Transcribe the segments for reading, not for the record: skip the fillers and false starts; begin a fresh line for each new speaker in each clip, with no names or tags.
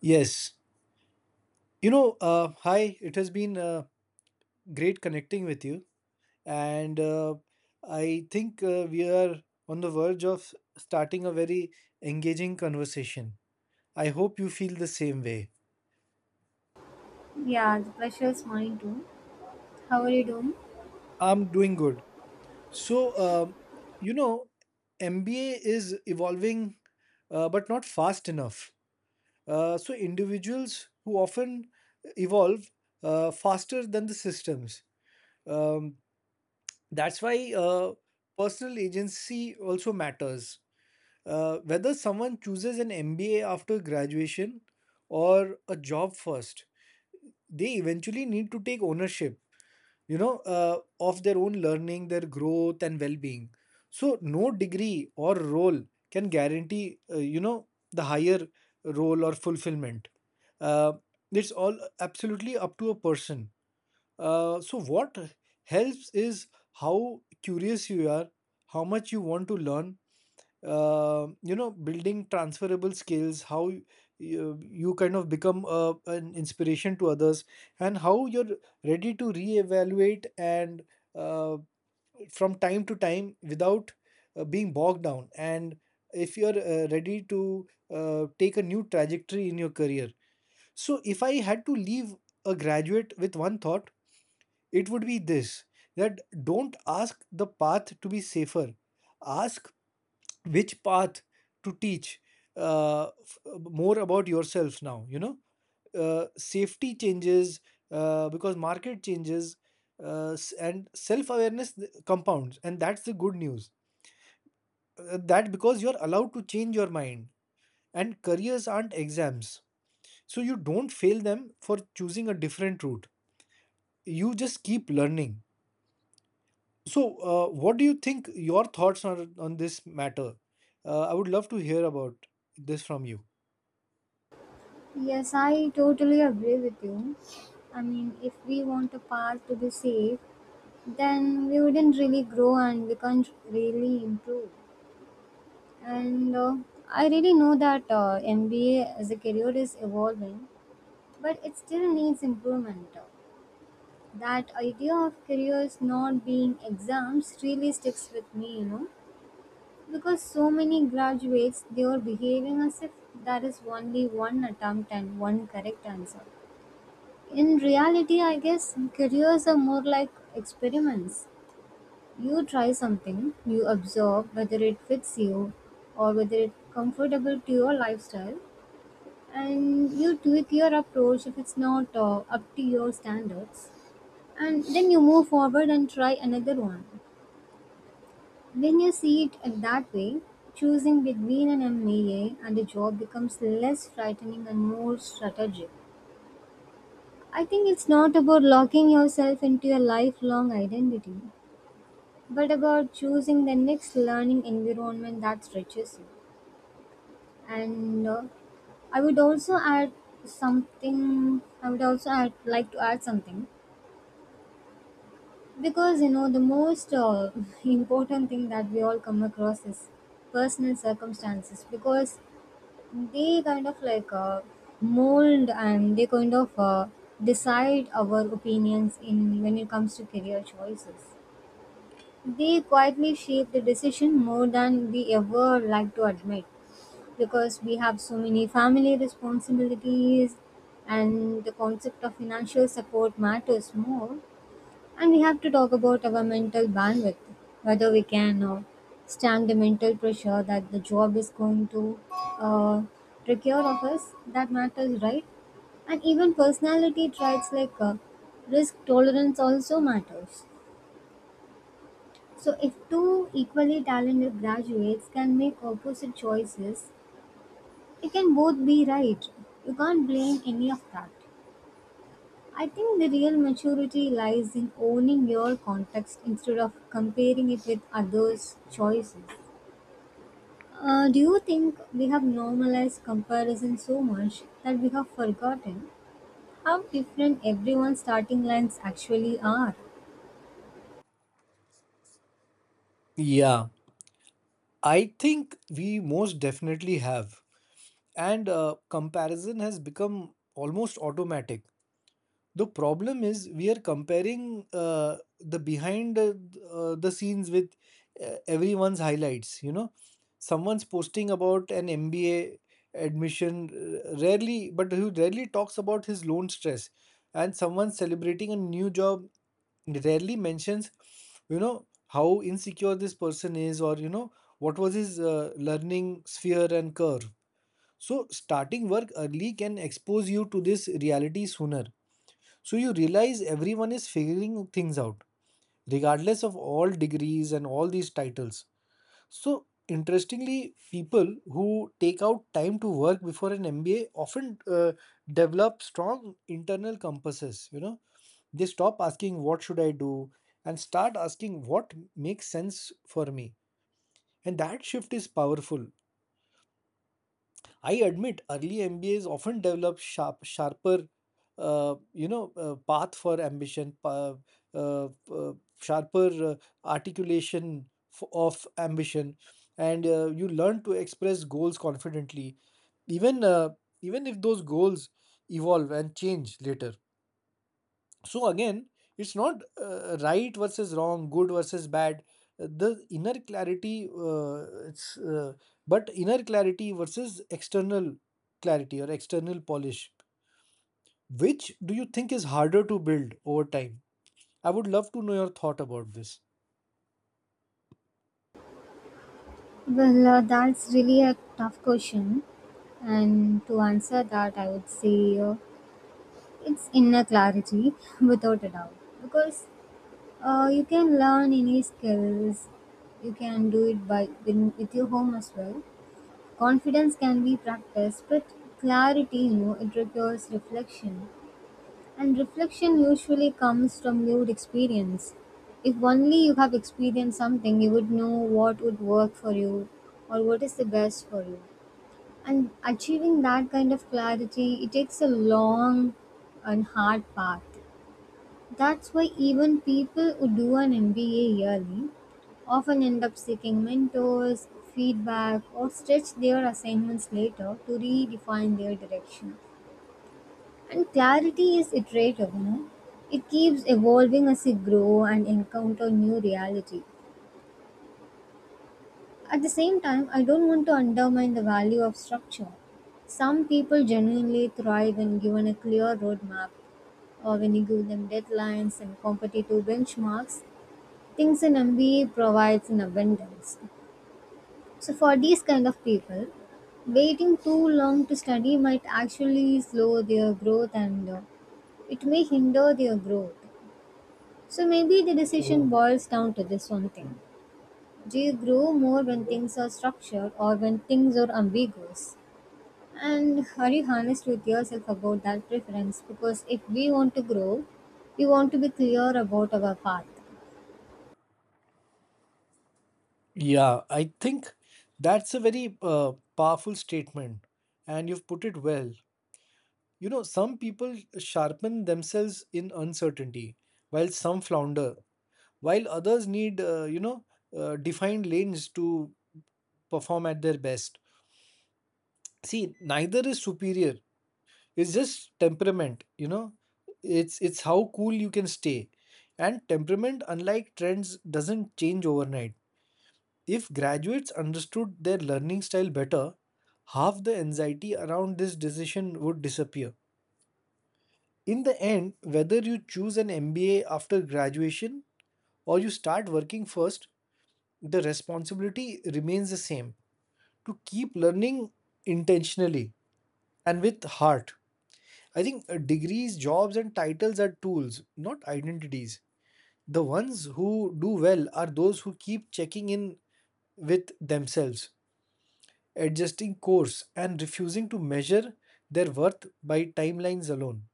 Yes. Hi, it has been great connecting with you. And I think we are on the verge of starting a very engaging conversation. I hope you feel the same way.
Yeah, the pleasure is mine too. How are you doing?
I'm doing good. So, um, you know, MBA is evolving, but not fast enough. So individuals who often evolve faster than the systems. Um, That's why personal agency also matters. Whether someone chooses an MBA after graduation or a job first, they eventually need to take ownership, of their own learning, their growth, and well-being. So no degree or role can guarantee, the higher role or fulfillment. Uh, it's all absolutely up to a person, so what helps is how curious you are, how much you want to learn. Building transferable skills, how you kind of become an inspiration to others, and how you're ready to reevaluate and uh, from time to time without being bogged down. And if you're ready to take a new trajectory in your career. So, if I had to leave a graduate with one thought, it would be this: that don't ask the path to be safer, ask which path to teach uh, f- more about yourself now. You know, safety changes because market changes, and self awareness compounds, and that's the good news. That because you're allowed to change your mind, and careers aren't exams, so you don't fail them for choosing a different route. You just keep learning. So what do you think your thoughts are on this matter? I would love to hear about this from you.
Yes, I totally agree with you. I mean, if we want a path to be safe, then we wouldn't really grow and we can't really improve. And I really know that MBA as a career is evolving, but it still needs improvement. That idea of careers not being exams really sticks with me, you know. Because so many graduates, they're behaving as if there is only one attempt and one correct answer. In reality, I guess careers are more like experiments. You try something, you observe whether it fits you or whether it's comfortable to your lifestyle, and you tweak your approach if it's not up to your standards. And then you move forward and try another one. When you see it in that way, choosing between an MBA and a job becomes less frightening and more strategic. I think it's not about locking yourself into a lifelong identity, but about choosing the next learning environment that stretches you. And I would also add something. I would also add, like to add something because you know the most important thing that we all come across is personal circumstances because they kind of like mold, and they kind of decide our opinions in when it comes to career choices. They quietly shape the decision more than we ever like to admit, because we have so many family responsibilities and the concept of financial support matters more, and we have to talk about our mental bandwidth, whether we can stand the mental pressure that the job is going to uh, require of us. That matters, right? And even personality traits like risk tolerance also matters. So, if two equally talented graduates can make opposite choices, it can both be right. You can't blame any of that. I think the real maturity lies in owning your context instead of comparing it with others' choices. Do you think we have normalized comparison so much that we have forgotten how different everyone's starting lines actually are?
Yeah, I think we most definitely have. And comparison has become almost automatic. The problem is we are comparing the scenes with everyone's highlights. You know, someone's posting about an MBA admission rarely, but who rarely talks about his loan stress, and someone celebrating a new job rarely mentions, you know, how insecure this person is, or you know, what was his learning sphere and curve. So starting work early can expose you to this reality sooner, so you realize everyone is figuring things out, regardless of all degrees and all these titles. So interestingly, people who take out time to work before an MBA often develop strong internal compasses. You know, they stop asking what should I do and start asking what makes sense for me. And that shift is powerful. I admit early MBAs often develop sharp, sharper, you know, path for ambition, pa- uh, uh, sharper uh, articulation of ambition, and you learn to express goals confidently, even uh, even if those goals evolve and change later. So again, it's not right versus wrong, good versus bad. The inner clarity uh, it's uh, but inner clarity versus external clarity or external polish, which do you think is harder to build over time? I would love to know your thought about this.
Well, that's really a tough question. And to answer that, I would say it's inner clarity without a doubt. Because you can learn any skills. You can do it by with your home as well. Confidence can be practiced, but clarity, you know, it requires reflection. And reflection usually comes from lived experience. If only you have experienced something, you would know what would work for you or what is the best for you. And achieving that kind of clarity, it takes a long and hard path. That's why even people who do an MBA yearly often end up seeking mentors, feedback, or stretch their assignments later to redefine their direction. And clarity is iterative, you know. It keeps evolving as you grow and encounter new reality. At the same time, I don't want to undermine the value of structure. Some people genuinely thrive when given a clear roadmap, or when you give them deadlines and competitive benchmarks things in MBA provides in abundance. So for these kind of people, waiting too long to study might actually slow their growth, and it may hinder their growth. So maybe the decision boils down to this one thing. Do you grow more when things are structured or when things are ambiguous? And are you honest with yourself about that preference? Because if we want to grow, we want to be clear about our path.
Yeah, I think that's a very uh, powerful statement, and you've put it well. You know, some people sharpen themselves in uncertainty while some flounder, while others need defined lanes to perform at their best. See, neither is superior. It's just temperament, you know. It's how cool you can stay, and temperament, unlike trends, doesn't change overnight. If graduates understood their learning style better, half the anxiety around this decision would disappear. In the end, whether you choose an MBA after graduation or you start working first, the responsibility remains the same: to keep learning intentionally and with heart. I think degrees, jobs, and titles are tools, not identities. The ones who do well are those who keep checking in with themselves, adjusting course, and refusing to measure their worth by timelines alone.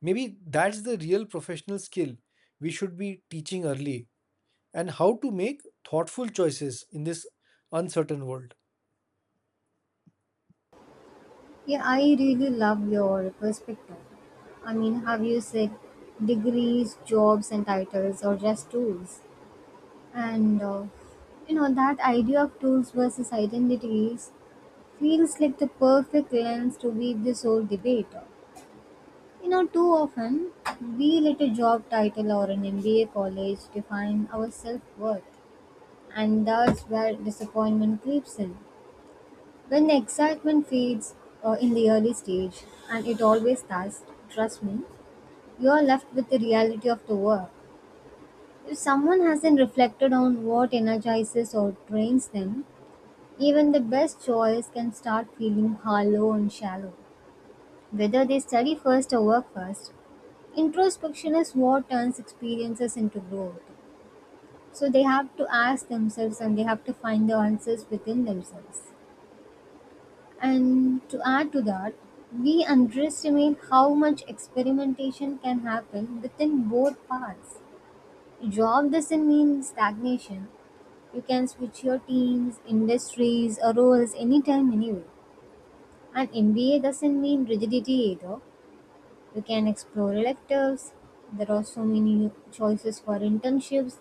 Maybe that's the real professional skill we should be teaching early, and how to make thoughtful choices in this uncertain world.
Yeah, I really love your perspective. I mean, have you said degrees, jobs, and titles, or just tools? And you know, that idea of tools versus identities feels like the perfect lens to weave this whole debate. You know, too often we let a job title or an MBA college define our self worth, and that's where disappointment creeps in. When the excitement fades in the early stage, and it always does, trust me, you are left with the reality of the work. If someone hasn't reflected on what energizes or drains them, even the best choice can start feeling hollow and shallow. Whether they study first or work first, introspection is what turns experiences into growth. So they have to ask themselves and they have to find the answers within themselves. And to add to that, we underestimate how much experimentation can happen within both paths. Job doesn't mean stagnation. You can switch your teams, industries, or roles anytime, anyway. And MBA doesn't mean rigidity either. You can explore electives, there are so many choices for internships,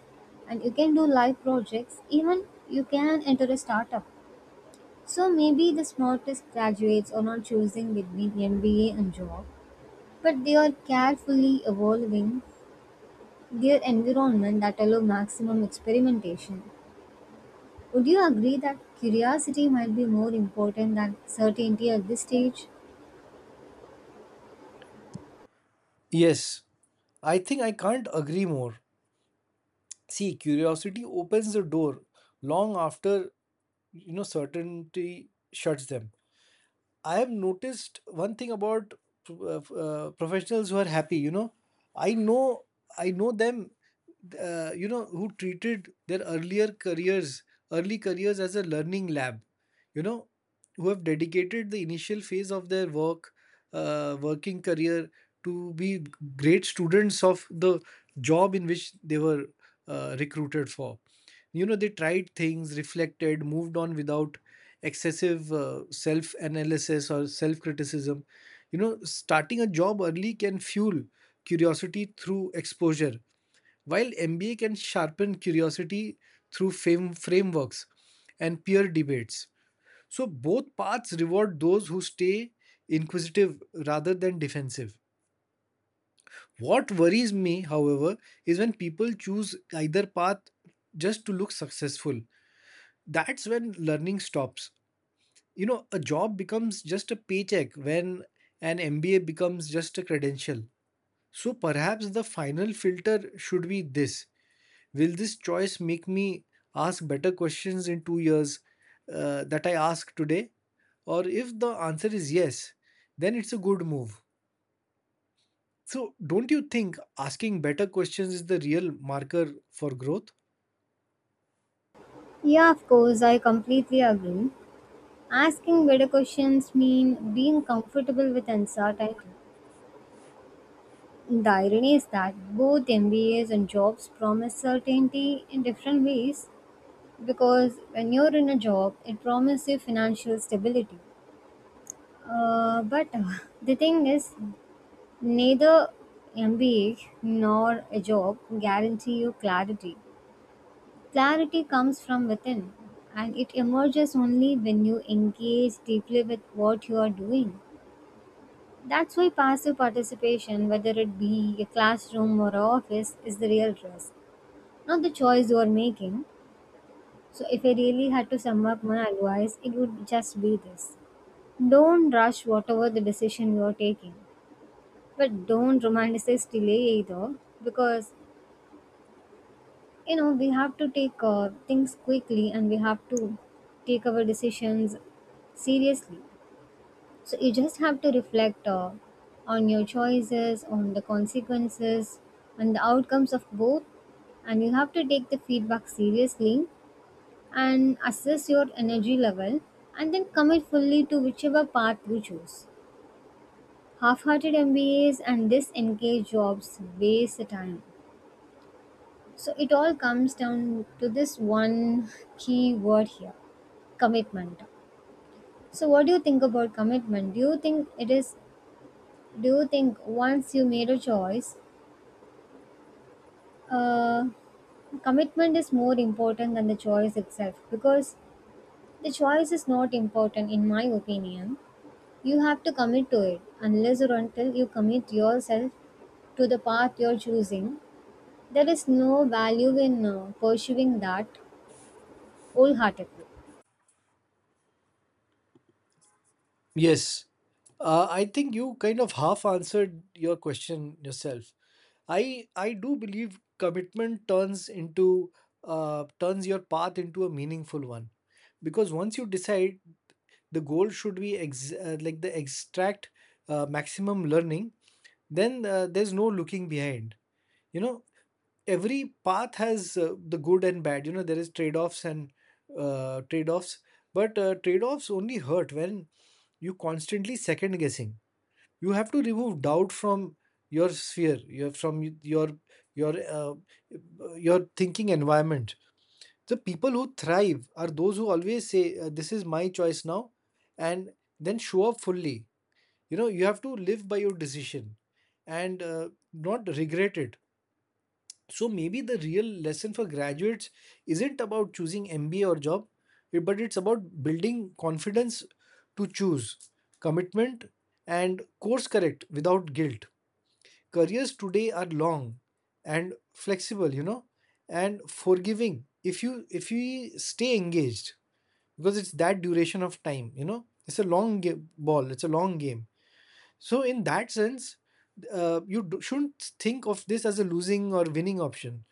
and you can do live projects. Even you can enter a startup. So maybe the smartest graduates are not choosing between MBA and job, but they are carefully evolving their environment that allow maximum experimentation. Would you agree that curiosity might be more important than certainty at this stage?
Yes, I think I can't agree more. See, curiosity opens the door long after, you know, certainty shuts them. I have noticed one thing about professionals who are happy. You know, I know I know them, you know, who treated their earlier careers early careers as a learning lab, you know, who have dedicated the initial phase of their working career to be great students of the job in which they were recruited for. You know, they tried things, reflected, moved on without excessive self analysis or self criticism. You know, starting a job early can fuel curiosity through exposure, while MBA can sharpen curiosity through frameworks and peer debates, so both paths reward those who stay inquisitive rather than defensive. What worries me, however, is when people choose either path just to look successful. That's when learning stops. You know, a job becomes just a paycheck when an MBA becomes just a credential. So perhaps the final filter should be this: will this choice make me ask better questions in 2 years that I ask today? Or if the answer is yes, then it's a good move. So, don't you think asking better questions is the real marker for growth?
Yeah, of course, I completely agree. Asking better questions mean being comfortable with uncertainty. The irony is that both MBAs and jobs promise certainty in different ways, because when you're in a job it promises you financial stability but the thing is neither mba nor a job guarantee you clarity. Clarity comes from within, and it emerges only when you engage deeply with what you are doing. That's why passive participation, whether it be a classroom or a office, is the real risk, not the choice you are making. So if I really had to sum up my advice, it would just be this. Don't rush whatever the decision you are taking, but don't romanticize delay either, because you know we have to take things quickly and we have to take our decisions seriously. So you just have to reflect on your choices, on the consequences, and the outcomes of both, and you have to take the feedback seriously and assess your energy level and then commit fully to whichever path you choose. Half-hearted MBAs and disengaged jobs waste the time. So it all comes down to this one key word here, commitment. So what do you think about commitment? Do you think it is? Do you think once you made a choice, uh, commitment is more important than the choice itself? Because the choice is not important, in my opinion. You have to commit to it unless or until you commit yourself to the path you're choosing. There is no value in pursuing that wholeheartedly.
Yes. I think you kind of half answered your question yourself. I do believe commitment turns into turns your path into a meaningful one, because once you decide, the goal should be ex- like the extract maximum learning. Then there's no looking behind. You know, every path has the good and bad. You know, there is trade-offs and trade-offs, but trade-offs only hurt when you constantly second guessing. You have to remove doubt from your sphere your from your uh, your thinking environment. The people who thrive are those who always say, this is my choice now, and then show up fully. You know, you have to live by your decision and not regret it. So, maybe the real lesson for graduates isn't about choosing MBA or job, but it's about building confidence to choose, commitment, and course correct without guilt. Careers today are long and flexible, you know, and forgiving if you, if you stay engaged. Because it's that duration of time, you know, it's a long game, ball it's a long game. So in that sense, you shouldn't think of this as a losing or winning option.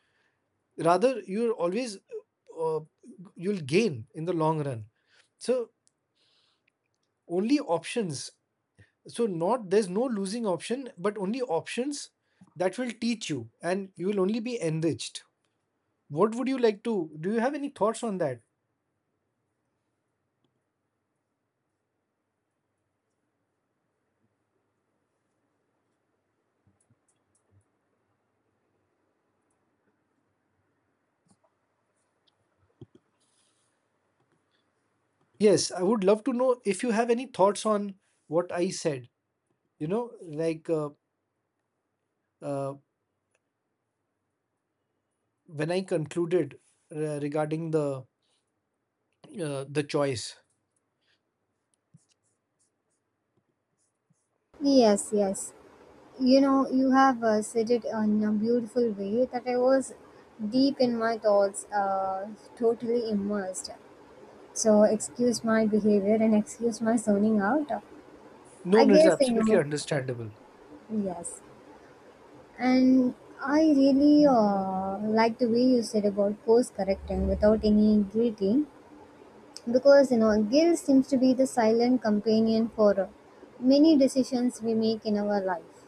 Rather, you're always, uh, you'll gain in the long run. So, only options. So, not there's no losing option but only options, that will teach you, and you will only be enriched. What would you like to do? You have any thoughts on that? Yes, I would love to know if you have any thoughts on what I said. you know like uh, uh, when I concluded, regarding the, the choice.
Yes, yes. You know, you have said it in a beautiful way that I was deep in my thoughts, totally immersed. So, excuse my behavior and excuse my zoning out.
No,
I
no, it's
guess, you
absolutely
know,
understandable.
yes. And I really like the way you said about course correcting without any greeting. Because you know guilt seems to be the silent companion for many decisions we make in our life.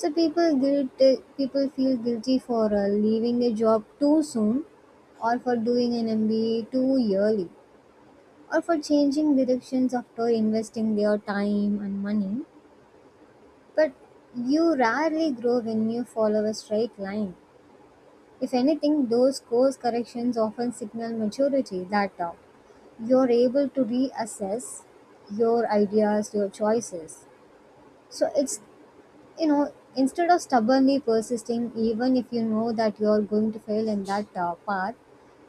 So people guilt people feel guilty for leaving a job too soon, or for doing an mba too early, or for changing directions after investing their time and money. But you rarely grow when you follow a straight line. If anything, those course corrections often signal maturity, that you're able to reassess your ideas, your choices. So it's, you know, instead of stubbornly persisting, even if you know that you're going to fail in that path,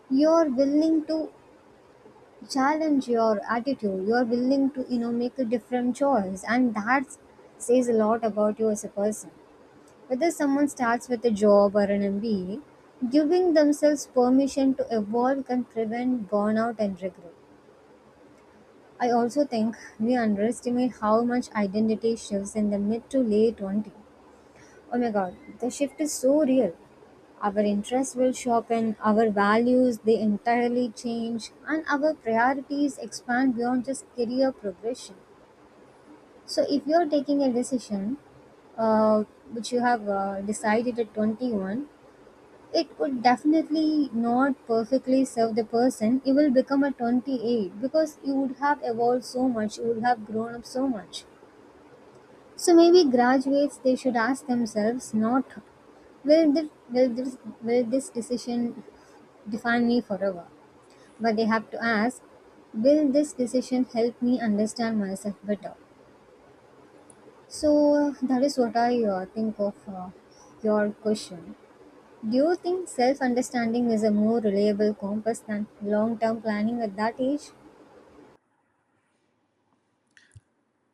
you're willing to challenge your attitude. You're willing to, you know, make a different choice. And that says a lot about you as a person. Whether someone starts with a job or an MBA, giving themselves permission to evolve can prevent burnout and regret. I also think we underestimate how much identity shifts in the mid to late 20s. Oh my god, the shift is so real. Our interests will sharpen, our values they entirely change, and our priorities expand beyond just career progression. So, if you're taking a decision uh, which you have decided at 21, it would definitely not perfectly serve the person. You will become a 28 because you would have evolved so much, you would have grown up so much. So maybe graduates they should ask themselves not will this decision define me forever, but they have to ask, will this decision help me understand myself better. So that is what I think of your question. Do you think self understanding is a more reliable compass than long term planning at that age?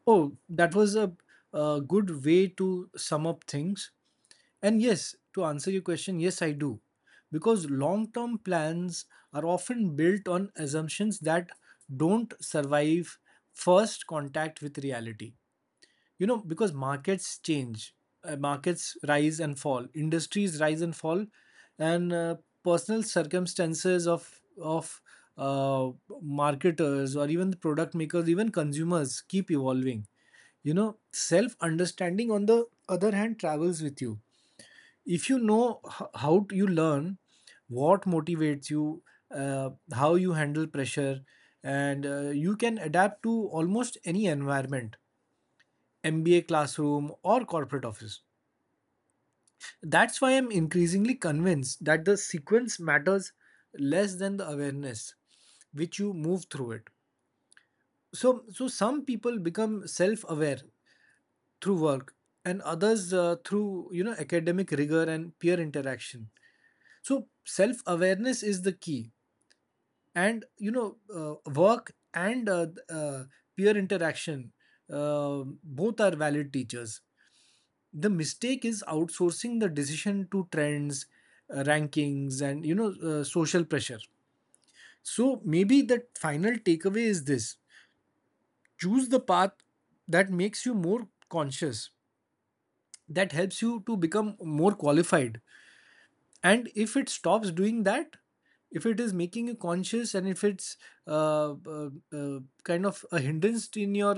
Oh, that was a, good way to sum up things. And yes, to answer your question, yes, I do. Because long term plans are often built on assumptions that don't survive first contact with reality. You know, because markets change, markets rise and fall, industries rise and fall, and personal circumstances of uh, marketers or even the product makers, even consumers keep evolving. You know, self understanding, on the other hand, travels with you. If you know you learn what motivates you, how you handle pressure, and you can adapt to almost any environment, MBA classroom or corporate office. That's why I'm increasingly convinced that the sequence matters less than the awareness which you move through it. So some people become self aware through work, and others through, you know, academic rigor and peer interaction. So self awareness is the key, and you know, work and peer interaction, both are valid teachers. The mistake is outsourcing the decision to trends, rankings, and you know, social pressure. So maybe the final takeaway is this: choose the path that makes you more conscious, that helps you to become more qualified, and if it stops doing that, if it is making you conscious and if it's kind of a hindrance in your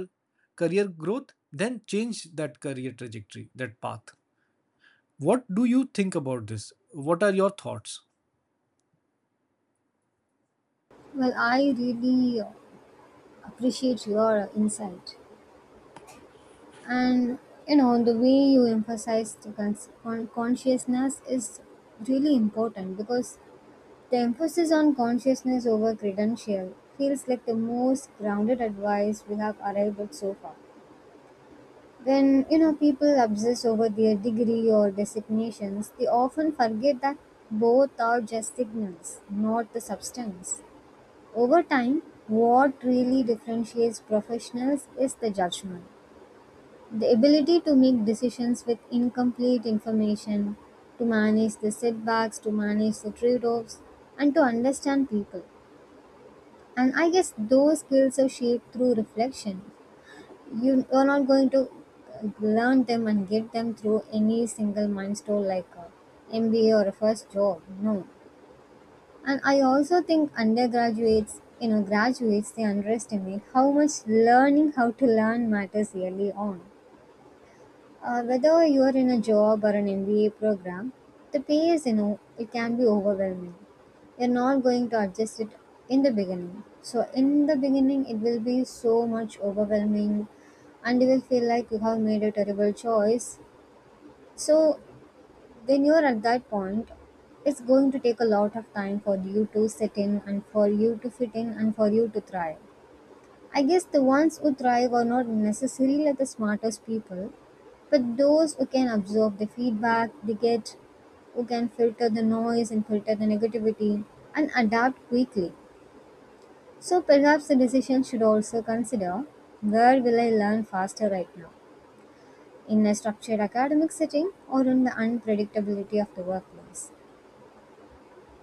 career growth, then change that career trajectory, that path. What do you think about this? What are your thoughts?
Well, I really appreciate your insight. And you know, the way you emphasize the consciousness is really important, because the emphasis on consciousness over credential feels like the most grounded advice we have arrived at so far. When you know people obsess over their degree or designations, they often forget that both are just signals, not the substance. Over time, what really differentiates professionals is the judgment, the ability to make decisions with incomplete information, to manage the setbacks, to manage the trade offs, and to understand people. And I guess those skills are shaped through reflection. You are not going to learn them and get them through any single milestone like a MBA or a first job. No, and I also think undergraduates, you know, graduates, they underestimate how much learning how to learn matters early on. Whether you are in a job or an MBA program, the pay is, you know, it can be overwhelming. You're not going to adjust it in the beginning. So, in the beginning, it will be so much overwhelming and you will feel like you have made a terrible choice. So, when you're at that point, it's going to take a lot of time for you to sit in and for you to fit in and for you to thrive. I guess the ones who thrive are not necessarily like the smartest people, but those who can absorb the feedback they get, who can filter the noise and filter the negativity and adapt quickly. So perhaps the decision should also consider, where will I learn faster right now? In a structured academic setting or in the unpredictability of the workplace?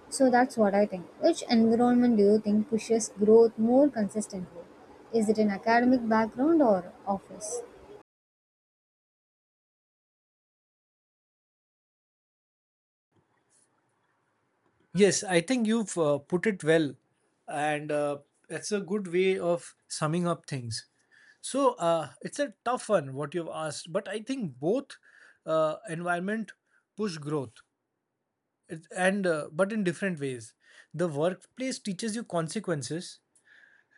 So that's what I think. Which environment do you think pushes growth more consistently? Is it an academic background or office?
Yes, I think you've put it well, and that's a good way of summing up things. So it's a tough one what you've asked, but I think both environment push growth. It's- and But in different ways, the workplace teaches you consequences.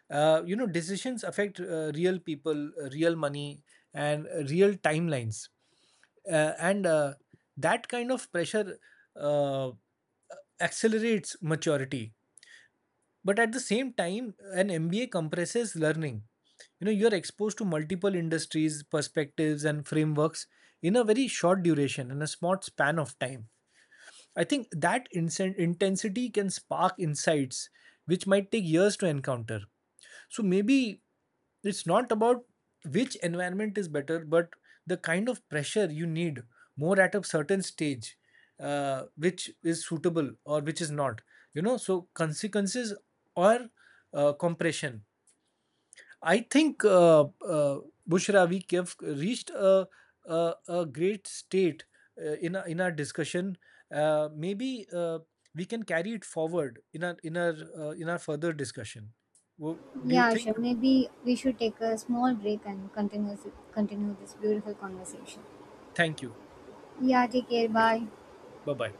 You know, decisions affect real people, real money, and real timelines. And That kind of pressure uh, accelerates maturity. But at the same time, an MBA compresses learning. You know, you're exposed to multiple industries, perspectives, and frameworks in a very short duration, in a small span of time. I think that intensity can spark insights which might take years to encounter. So maybe it's not about which environment is better, but the kind of pressure you need more at a certain stage, which is suitable or which is not. You know, so consequences or compression. I think, Bushra, we have reached a great state in our discussion. Maybe we can carry it forward in our, in our further discussion. Do you
Yeah,
think?
sure. Maybe we should take a small break and continue this beautiful conversation.
Thank you.
Yeah, take care. Bye.
Bye bye.